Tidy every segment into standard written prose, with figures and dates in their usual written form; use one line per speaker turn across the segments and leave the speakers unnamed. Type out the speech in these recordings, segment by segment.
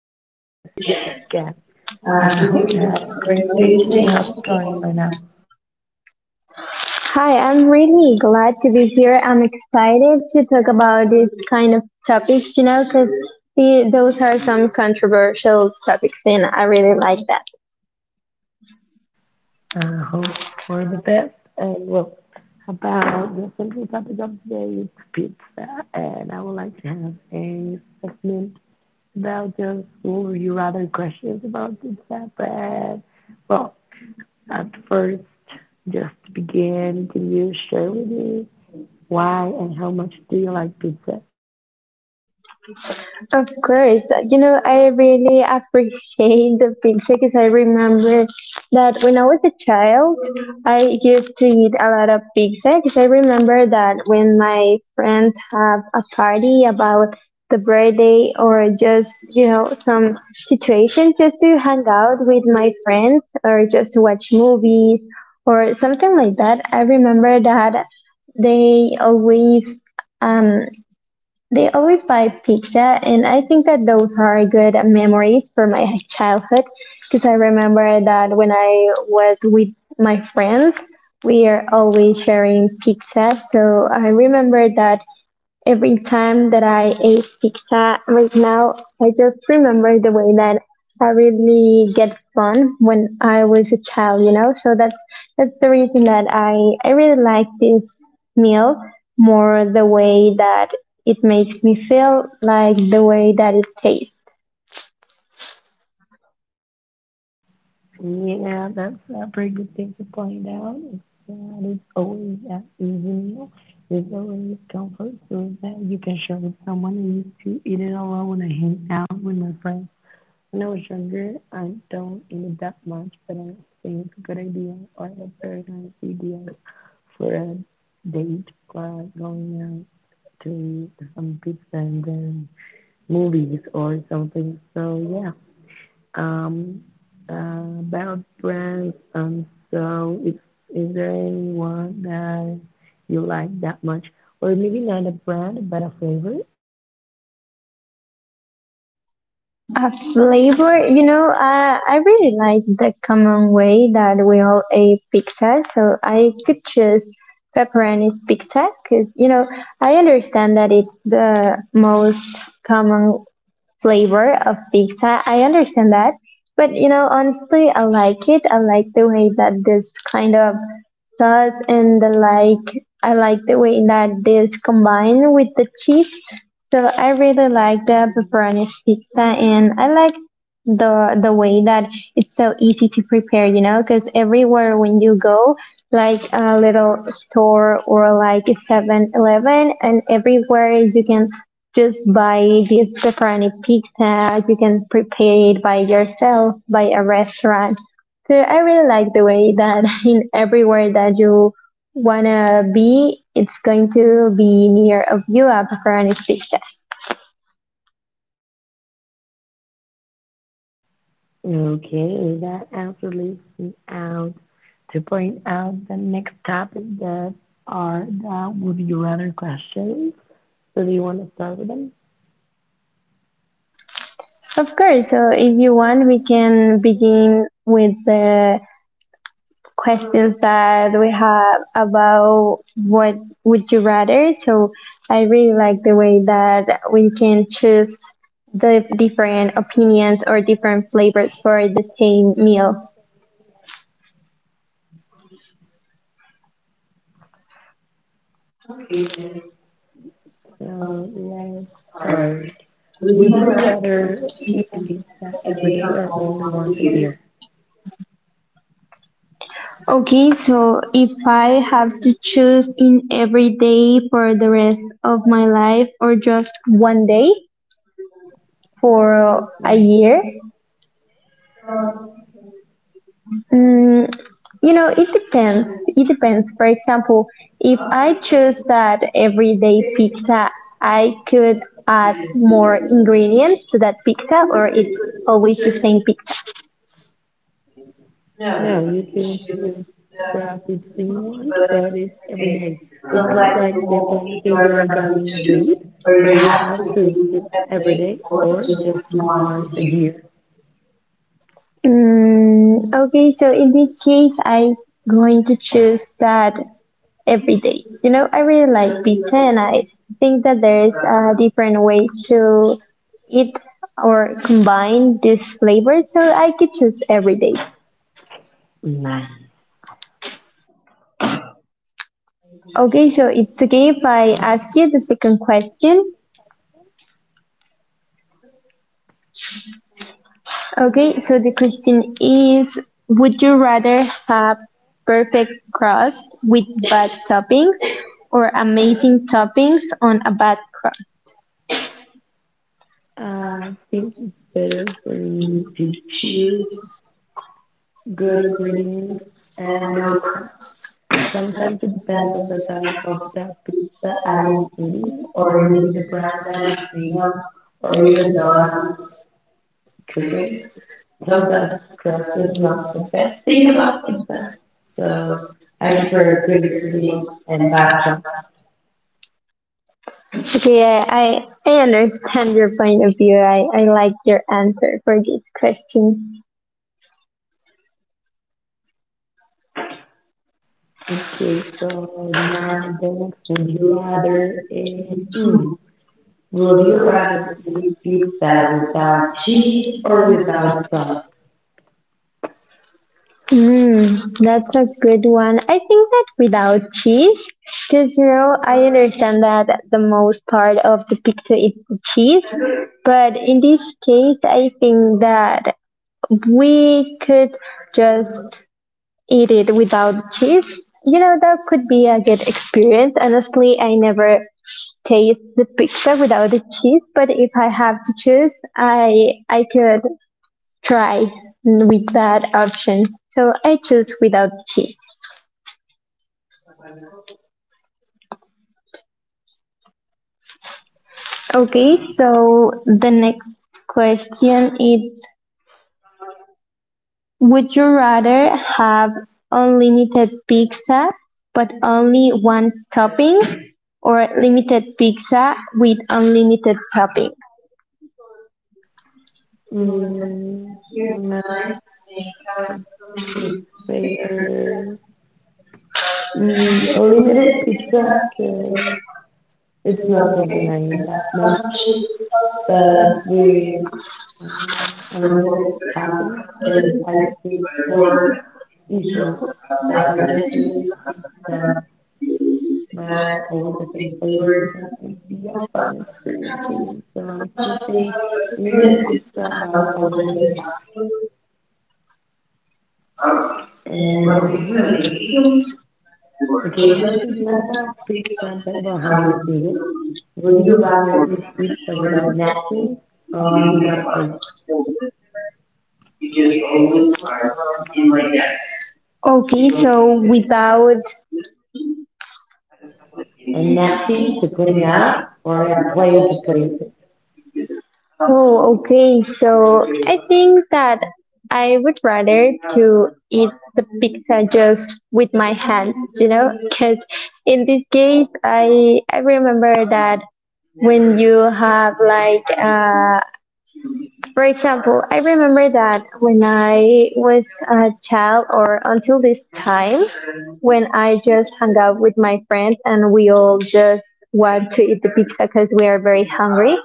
to this podcast. I hope you have a great day today. How's it going right now?
Hi, I'm really glad to be here. I'm excited to talk about these kind of topics, you know, because those are some controversial topics, and I really like that.
I hope for the best. And well, about the central topic of today is pizza, and I would like to have a segment about just what would you rather questions about pizza. But well, at first, just to begin, can you share with me why and how much do you like pizza?
Of course. You know, I really appreciate the pizza because I remember that when I was a child, I used to eat a lot of pizza because I remember that when my friends have a party about the birthday or just, you know, some situation just to hang out with my friends or just to watch movies or something like that, I remember that they always. Um, they always buy pizza, and I think that those are good memories from my childhood because I remember that when I was with my friends, we are always sharing pizza. So I remember that every time that I ate pizza right now, I just remember the way that I really get fun when I was a child, you know? So that's the reason that I really like this meal more the way that it makes me feel like the way that it tastes.
Yeah, that's a pretty good thing to point out. It's, there's always an easy meal. There's always comfort food that you can share with someone. I used to eat it alone when I hang out with my friends. When I was younger, I don't eat it that much, but I think it's a good idea or a very nice idea for a date or going out to some pizza and then movies or something. So yeah, um, about brands. So is there anyone that you like that much, or maybe not a brand but a flavor?
A flavor, you know, I really like the common way that we all eat pizza, so I could choose pepperoni's pizza because, you know, I understand that it's the most common flavor of pizza. I understand that. But you know, honestly, I like it. I like the way that this kind of sauce and the like, I like the way that this combine with the cheese. So I really like the pepperoni pizza and I like the way that it's so easy to prepare, you know, because everywhere when you go, like a little store or like a 7-Eleven, and everywhere you can just buy this pepperoni pizza. You can prepare it by yourself by a restaurant. So I really like the way that in everywhere that you wanna be, it's going to be near of you a pepperoni pizza.
Okay, that answer leaves me out to point out the next topic that are the would you rather questions. So do you want to start with them?
Of course. So if you want, we can begin with the questions that we have about what would you rather. So I really like the way that we can choose the different opinions or different flavors for the same meal.
So let's start. Would you rather eat pizza every day or only once a year?
Okay, so if I have to choose in every day for the rest of my life or just one day for a
Yeah.
year. Mm, you know, it depends. It depends. For example, if I choose that everyday pizza, I could add more ingredients to that pizza, or it's always the same pizza.
No, you can choose stuff if you want, but it's every day. It's not like the only thing you are going to eat, where you have to eat every day or just once a year.
Mm, okay, so in this case, I'm going to choose that everyday. You know, I really like pizza, and I think that there's different ways to eat or combine these flavors, so I could choose everyday.
Nice.
Okay, so it's okay if I ask you the second question. Okay, so the question is, would you rather have perfect crust with bad toppings or amazing toppings on a bad crust?
I think it's better for you to choose good ingredients and no crap. Sometimes it depends on the type of that pizza I am eating, or maybe the brand that it's made of, or even though I cook it. Sometimes stress is not the best thing about pizza. So I prefer good ingredients and bad crust.
Okay, I understand your point of view. I like your answer for this question.
Okay, so now the next would you rather is would you rather eat pizza without cheese or without sauce?
Mm, that's a good one. I think that without cheese, because you know, I understand that the most part of the pizza is the cheese, but in this case, I think that we could just eat it without cheese. You know, that could be a good experience. Honestly, I never taste the pizza without the cheese, but if I have to choose, I could tried with that option. So I choose without cheese. Okay, so the next question is, would you rather have unlimited pizza but only one topping or limited pizza with unlimited topping?
Mm, I prefer limited pizza because it's not something I eat that much, but with Um, unlimited toppings? Because I get bored easily. So if I get to use the my always the same flavor, it's like it'd be a fun experience for me. So I'm choosing limited pizza by unlimited tap. And okay, this is not about pizza, but about how you eat it. Would you rather eat pizza without napkins or without a plate?
Okay, so without.
A napkin to clean out or a plate to place it?
Oh, okay. So I think that I would rather to eat the pizza just with my hands, you know, because in this case, I remember that when you have like for example, I remember that when I was a child or until this time, when I just hung out with my friends and we all just want to eat the pizza because we are very hungry,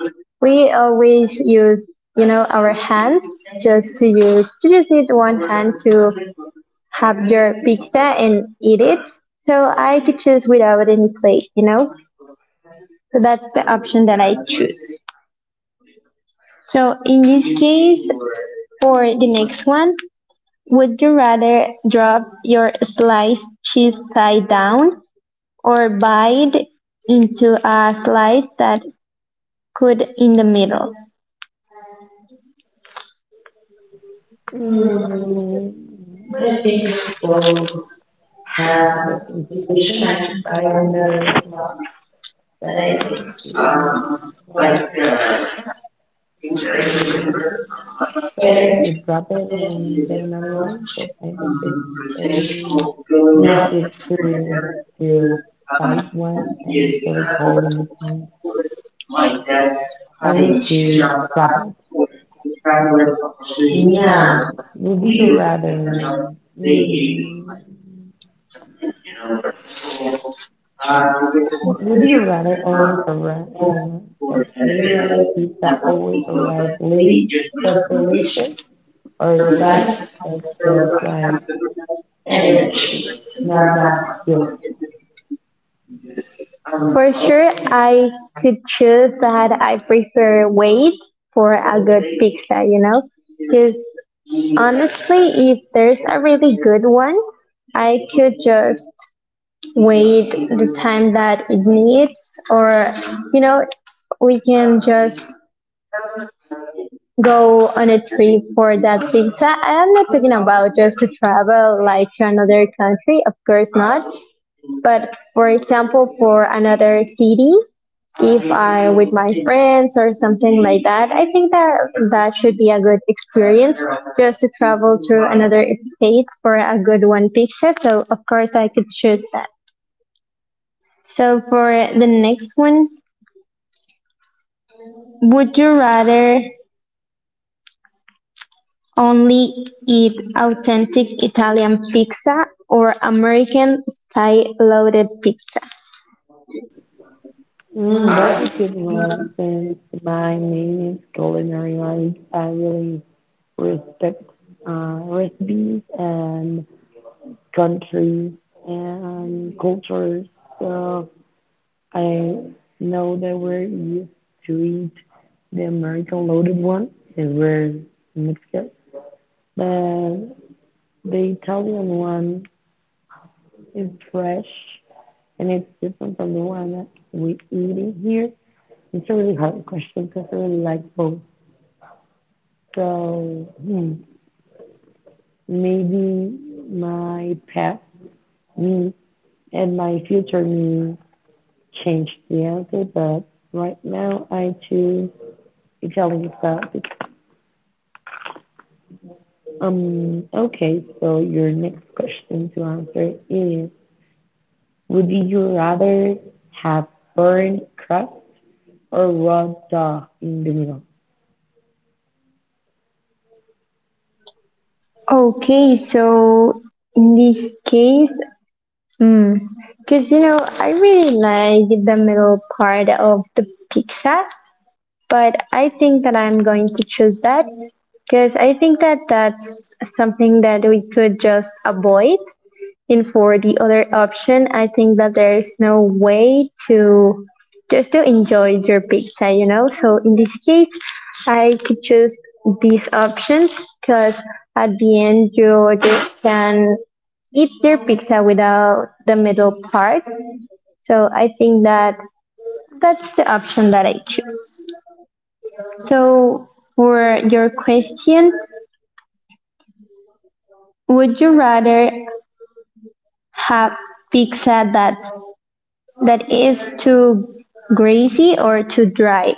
we always use, you know, our hands just to use, you just need one hand to have your pizza and eat it. So I could choose without any plate, you know? So that's the option that I choose. So in this case, for the next one, would you rather drop your sliced cheese side down or bite into a slice that could in the middle?
Mm, I think both have a contribution. I can buy another one, but I think it's mm, better to drop it and get another one because I think it's um, nasty experience to buy one and it's really cold and everything. I would to drop it. Now, would you rather mm, would you rather always arrive? Sorry. Would you rather pizza always arrive late but delicious, or fast but just like average pizza, not that good?
For sure, I could choose that I prefer wait for a good pizza, you know? Because honestly, if there's a really good one, I could just wait the time that it needs or you know we can just go on a trip for that pizza. I am not talking about just to travel like to another country, of course not, but for example for another city, if I with my friends or something like that, I think that that should be a good experience just to travel to another state for a good one pizza, so of course I could choose that. So for the next one, would you rather only eat authentic Italian pizza or American style loaded pizza?
That's a good one since my main is culinary life. I really respect recipes and countries and cultures. So I know that we're used to eat the American loaded one is very Mexican, but the Italian one is fresh and it's different from the one that we eating here. It's a really hard question because I really like both. So maybe my past me and my future me changed the answer, but right now I choose Italian stuff. Okay, so your next question to answer is would you rather have burnt crust or raw dough in the middle?
Okay, so in this case, because mm, you know, I really like the middle part of the pizza, but I think that I'm going to choose that, because I think that that's something that we could just avoid. And for the other option, I think that there is no way to just to enjoy your pizza, you know. So in this case, I could choose these options because at the end you just can eat your pizza without the middle part. So I think that that's the option that I choose. So for your question, would you rather have pizza that's that is too greasy or too dry?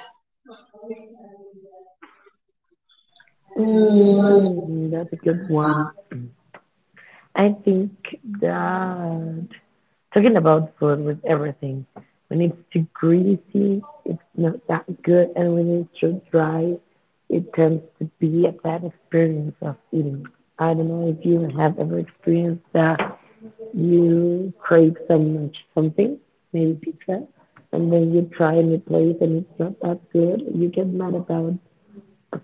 That's a good one. I think that talking about food with everything, when it's too greasy, it's not that good, and when it's too dry, it tends to be a bad experience of eating. I don't know if you have ever experienced that you crave so much something, maybe pizza, and then you try a new place and it's not that good, you get mad about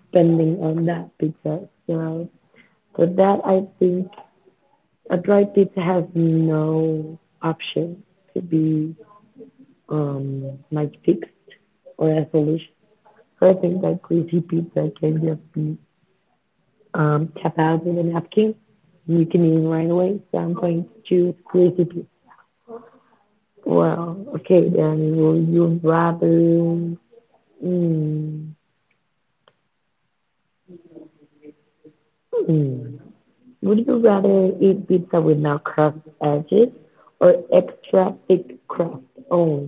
spending on that pizza. So for that I think a dry pizza has no option to be um like fixed or a solution. So I think that greasy pizza can just be tap out with a napkin. You can eat right away. So I'm going to choose greasy pizza. Well, okay, then will you rather mm, would you rather eat pizza with no crust edges or extra thick crust? Oh,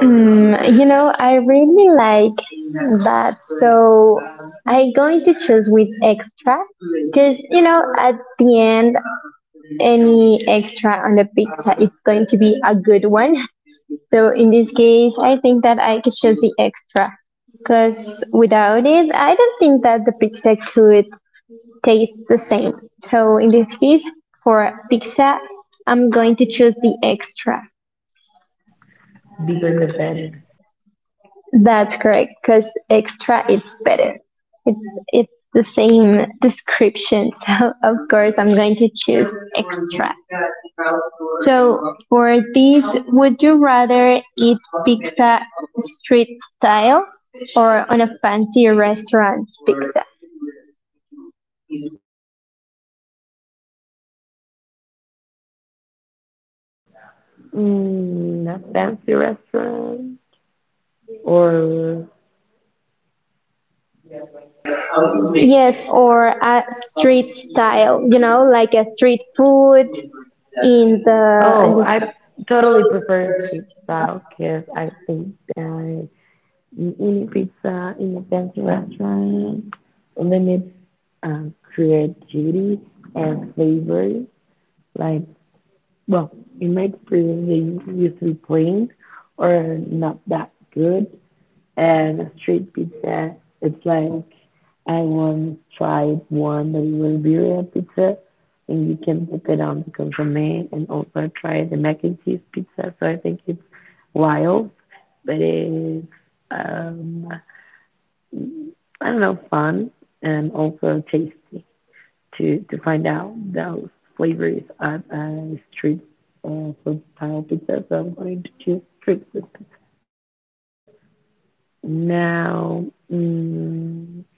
Mm, you know, I really like that. So I'm going to choose with extra because, you know, at the end, any extra on the pizza, it's going to be a good one. So in this case, I think that I could choose the extra because without it, I don't think that the pizza could taste the same. So in this case, for pizza, I'm going to choose the extra.
bigger the better.
That's correct, because extra it's better. It's the same description, so of course I'm going to choose extra. So for this, would you rather eat pizza street style or on a fancy restaurant pizza?
A fancy restaurant or
Yes, or a street style, you know, like a street food in the in
oh, I
the-
totally prefer street style because I think that eating pizza in a fancy restaurant limits creativity and flavors. Like, well, in my experience, they used to be plain or not that good. And a straight pizza, it's like I once tried one that was birria pizza, and you can put it on the consomme and also try the mac and cheese pizza. So I think it's wild, but it's um, I don't know, fun and also tasty to find out those flavors of street food style pizza. So I'm going to choose street food. Pizza. Now, mm,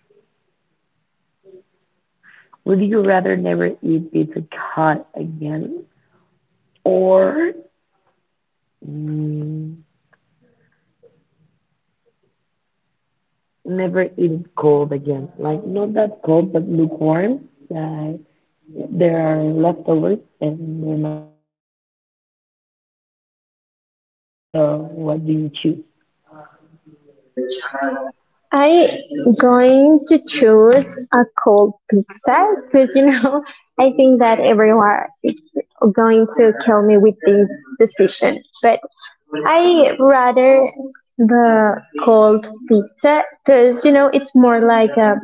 would you rather never eat pizza hot again or mm, never eat it cold again? Like not that cold, but lukewarm. That there are leftovers and they're not that hot, but you cannot reheat it. So what do you choose?
I going to choose a cold pizza because you know I think that everyone is going to kill me with this decision, but I rather the cold pizza because you know it's more like a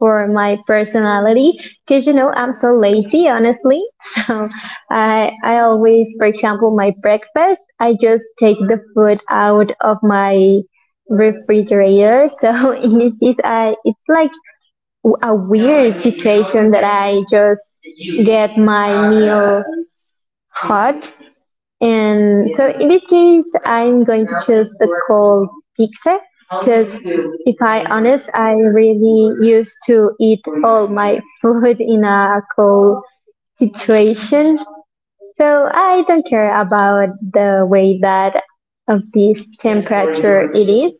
for my personality, because you know I'm so lazy honestly, so I always, for example my breakfast I just take the food out of my refrigerator, so it is I it's like a weird situation that I just get my meal hot. And so in this case, I'm going to choose the cold pizza because if I honest, I really used to eat all my food in a cold situation. So I don't care about the way that of this temperature it is.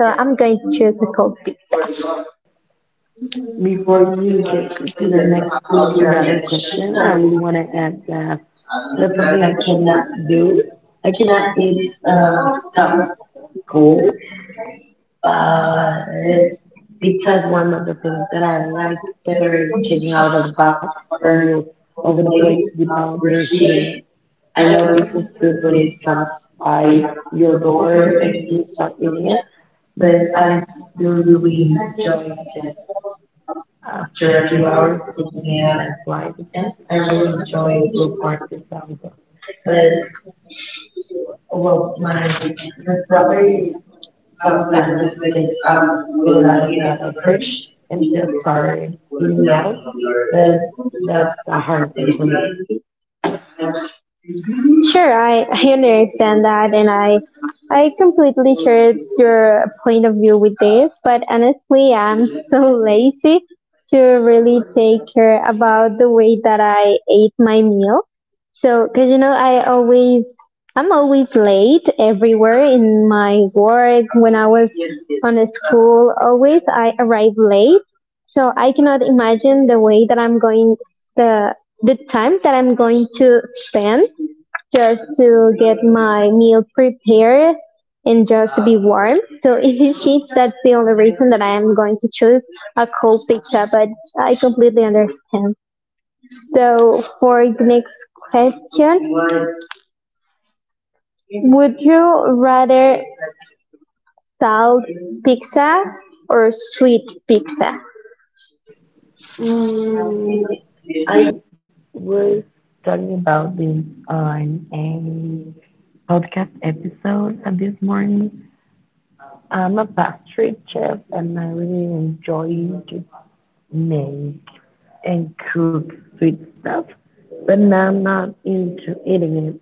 So I'm going to choose a cold pizza.
Before you get to the next would you rather question, I really want to add that that's something I cannot do. I cannot eat uh, stuff cold, but pizza is one of the things that I like better taking out of the box or over the plate without reheating it. I know pizza's good when it comes by your door and you start eating it, but I do really enjoy the after a few hours, taking me out as live again, I really enjoy lukewarm also. But well, my brother sometimes takes out food out of the fridge and just start eating out. But that's a hard thing for me.
Sure, I understand that, and I completely share your point of view with this. But honestly, I'm so lazy to really take care about the way that I ate my meal. So, cause you know, I'm always late everywhere in my work, when I was on a school. Always I arrive late, so I cannot imagine the way that I'm going, the the time that I'm going to spend just to get my meal prepared and just to be warm. So in this case, that's the only reason that I am going to choose a cold pizza, but I completely understand. So for the next question, would you rather salt pizza or sweet pizza?
Mm, I was talking about this on a podcast episode this morning. I'm a pastry chef and I really enjoy to made and cooked sweet stuff, but now I'm not into eating it.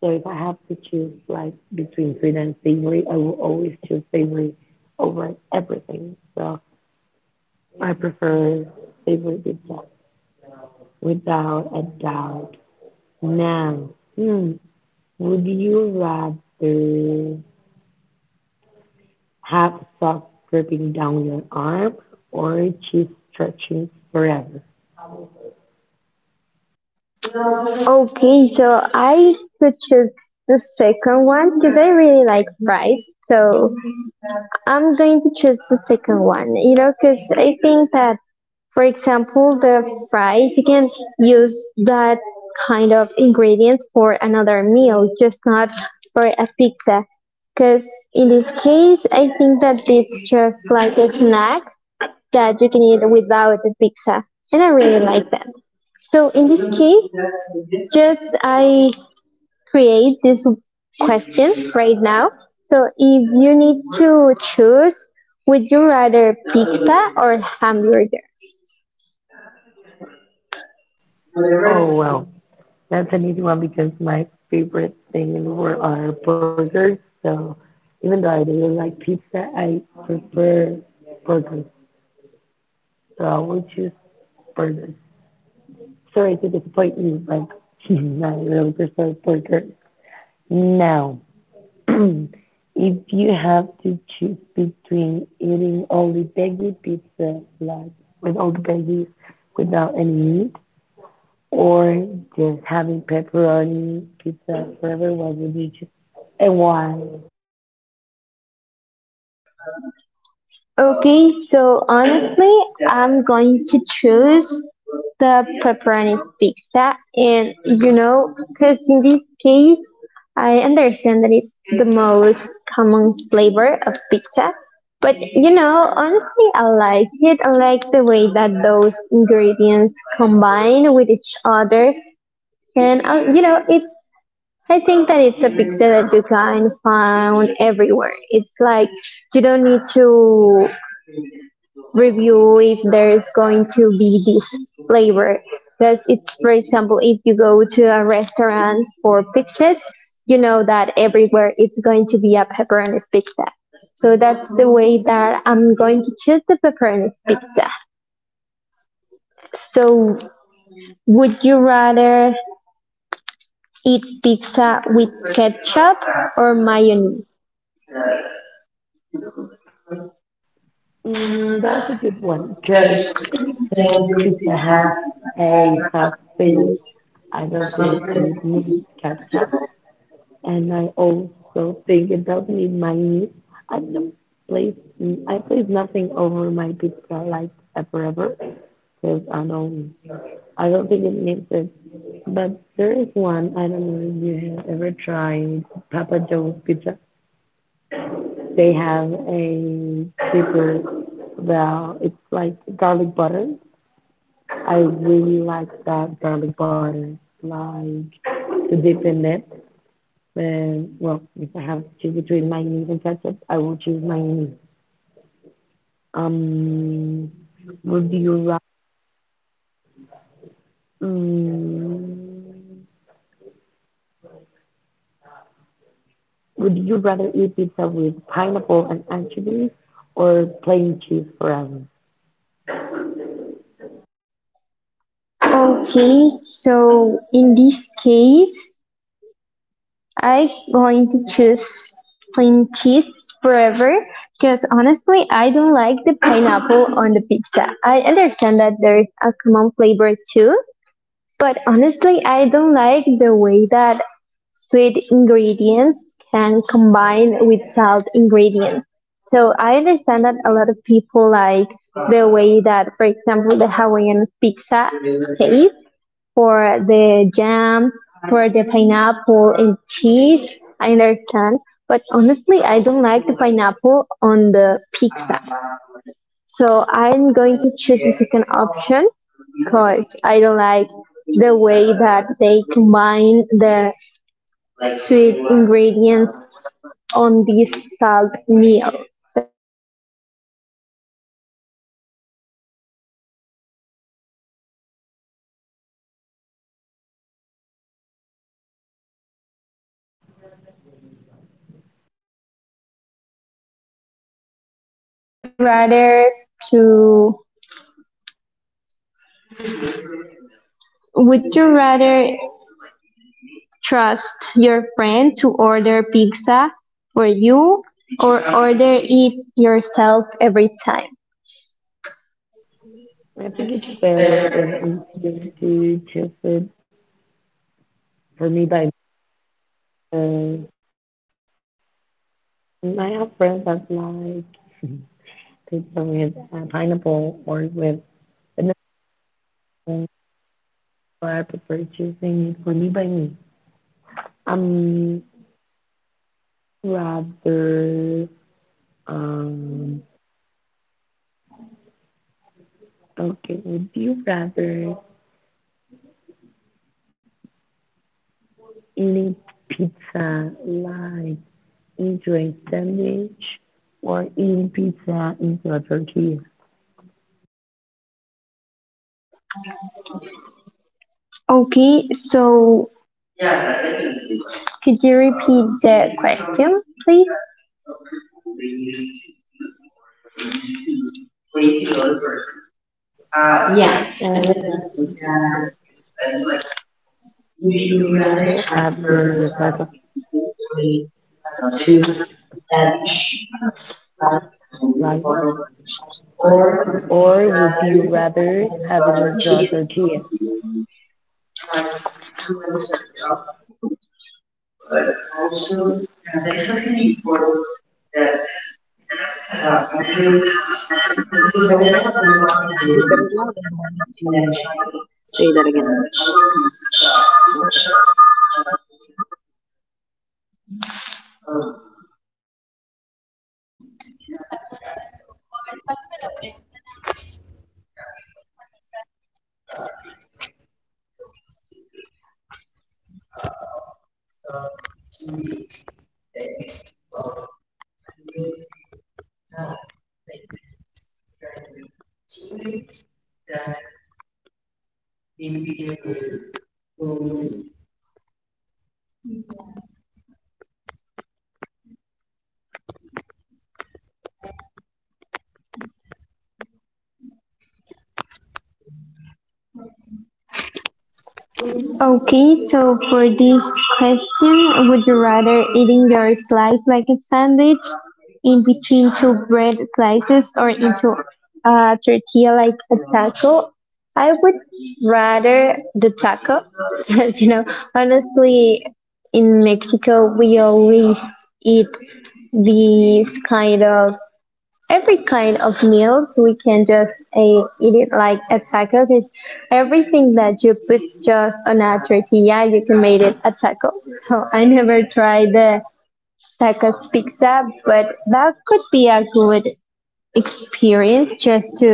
So if I have to choose like between sweet and savory, I will always choose savory over everything. So I prefer savory pizza without a doubt. Now, hmm, would you rather have socks dripping down your arm or cheese stretching forever?
Okay, so I could choose the second one because I really like fries. So I'm going to choose the second one, you know, because I think that, for example, the fries, you can use that kind of ingredients for another meal, just not for a pizza. Because in this case, I think that it's just like a snack that you can eat without a pizza. And I really like that. So in this case, just I create these questions right now. So if you need to choose, would you rather pizza or hamburger?
Oh well, that's an easy one because my favorite thing in the world are burgers. So even though I really like pizza, I prefer burgers. So I will choose burgers. Sorry to disappoint you, but I really prefer burgers. Now, if you have to choose between eating only veggie pizza, like with all the veggies, without any meat, or just having pepperoni pizza, forever was with you, and why?
Okay, so honestly, I'm going to choose the pepperoni pizza, and you know, because in this case, I understand that it's the most common flavor of pizza, but you know, honestly, I like it. I like the way that those ingredients combine with each other, and you know, it's. I think that it's a pizza that you can find everywhere. It's like you don't need to review if there is going to be this flavor. Because it's, for example, if you go to a restaurant for pizzas, you know that everywhere it's going to be a pepperoni pizza. So that's the way that I'm going to choose the pepperoni pizza. So would you rather eat pizza with ketchup or mayonnaise?
That's a good one because since pizza has a soft base, I don't think it needs ketchup, and I also think it doesn't need mayonnaise. I don't place I place nothing over my pizza like forever, because I don't think it needs it. But there is one I don't know if you have ever tried Papa Joe's pizza. They have a super well, it's like garlic butter. I really like that garlic butter, like to dip in it. And well, if I have to choose between mayonnaise and ketchup, I will choose mayonnaise. Um, would you ra- mm, would you rather eat pizza with pineapple and anchovies or plain cheese forever?
Okay, so in this case, I am going to choose plain cheese forever because honestly I don't like the pineapple on the pizza. I understand that there is a common flavor too, but honestly I don't like the way that sweet ingredients can combine with salt ingredients. So I understand that a lot of people like the way that for example the Hawaiian pizza tastes for the jam, for the pineapple and cheese. I understand. But honestly, I don't like the pineapple on the pizza. So I'm going to choose the second option because I don't like the way that they combine the sweet ingredients on this salt meal. So I cannot choose the option that it has pineapple. So would you rather to would you rather trust your friend to order pizza for you or order it yourself every time?
I think it's better and easier to choose it for me by Um, I have friends that like pizza with pineapple or with vanilla, but I prefer choosing it for me by me. Um, rather, um, okay, would you rather eating pizza like into a sandwich or eating pizza into a tortilla?
Okay, so could you repeat the question, please?
Yeah, would you rather have your slice of two slices or would you rather have it in front or here? Is it better now than the one to say that again?
Okay, so for this question, would you rather eating your slice like a sandwich in between two bread slices or into a tortilla like a taco? I would rather the taco. Because you know, honestly, in Mexico, we always eat these kind of every kind of meal we can just eat it like a taco because everything that you put just on a tortilla you can make it a taco. So I never tried the tacos pizza, but that could be a good experience just to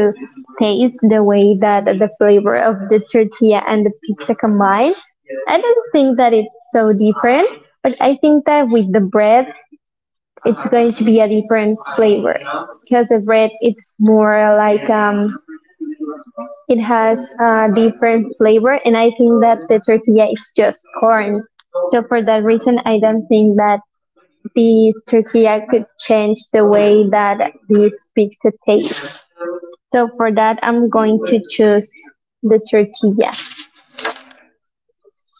taste the way that the flavor of the tortilla and the pizza combine. I don't think that it's so different, but I think that with the bread it's going to be a different flavor because the bread it's more like it has a different flavor, and I think that the tortilla is just corn. So for that reason I don't think that this tortilla could change the way that this pizza tastes. So for that I'm going to choose the tortilla.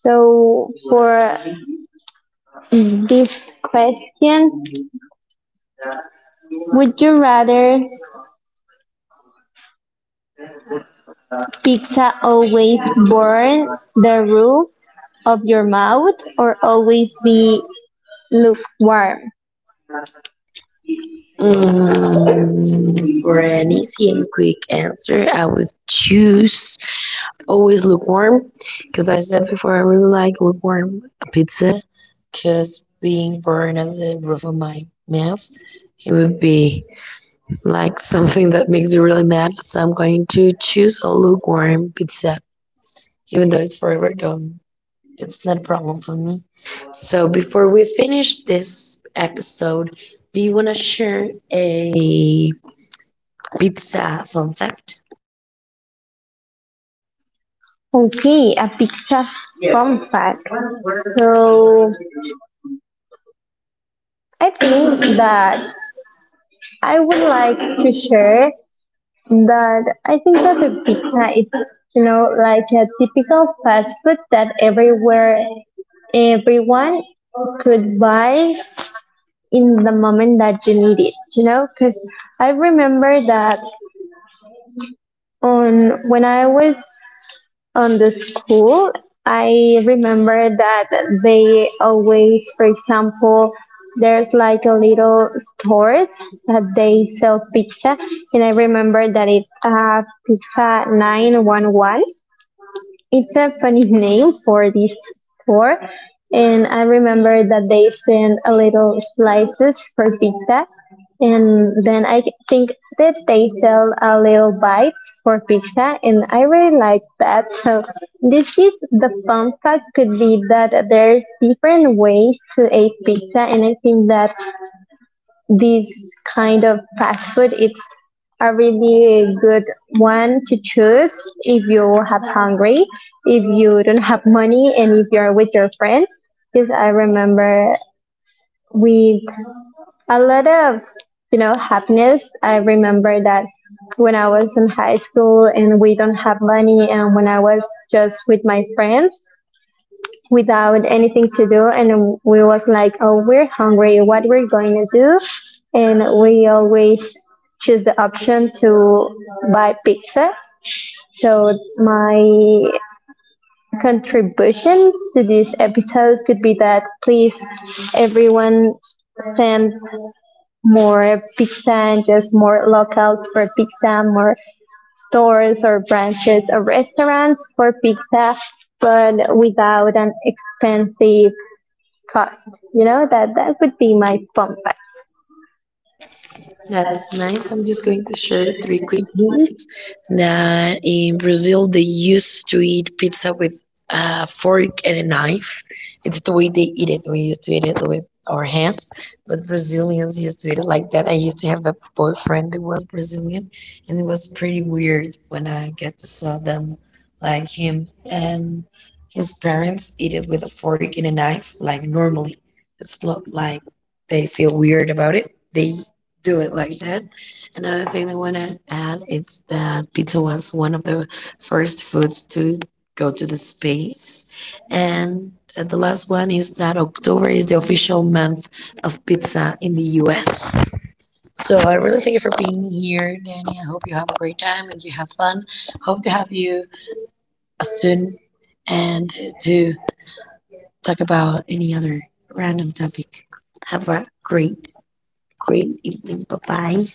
So for this question, would you rather pizza always burn the roof of your mouth or always be lukewarm.
For an easy and quick answer, I would choose always lukewarm because I said before I really like lukewarm pizza because being burned at the roof of my mouth, it would be like something that makes me really mad. So I'm going to choose a lukewarm pizza, even though it's forever done. It's not a problem for me. So before we finish this episode, do you want to share a pizza fun fact?
Okay, a pizza compact. So I think that I would like to share that I think that the pizza is, you know, like a typical fast food that everywhere everyone could buy in the moment that you need it, you know, because I remember that on when I was on the school, I remember that they always, for example, there's like a little stores that they sell pizza, and I remember that it's pizza 911, it's a funny name for this store. And I remember that they send a little slices for pizza. And then I think that they sell a little bites for pizza. And I really like that. So this is the fun fact could be that there's different ways to eat pizza. And I think that these kind of fast food it's a really good one to choose if you have hungry, if you don't have money, and if you're with your friends, because I remember with a lot of, you know, happiness, I remember that when I was in high school and we don't have money, and when I was just with my friends without anything to do, and we was like, oh, we're hungry, what we're going to do, and we always choose the option to buy pizza. So my contribution to this episode could be that please everyone send more pizza and just more locals for pizza, more stores or branches or restaurants for pizza, but without an expensive trust. You know that that would be my fun fact.
That's nice. I'm just going to share three quick meals that in Brazil they used to eat pizza with a fork and a knife. It's the way they eat it. We used to eat it with our hands, but Brazilians used to eat it like that. I used to have a boyfriend who was Brazilian, and it was pretty weird when I get to saw them like him and his parents eat it with a fork and a knife like normally. It's not like they feel weird about it. They do it like that. Another thing I want to add is that pizza was one of the first foods to go to the space. And the last one is that October is the official month of pizza in the US. So I really thank you for being here, Danny. I hope you have a great time and you have fun. Hope to have you soon and to talk about any other random topic. Have a great, great evening. Bye bye.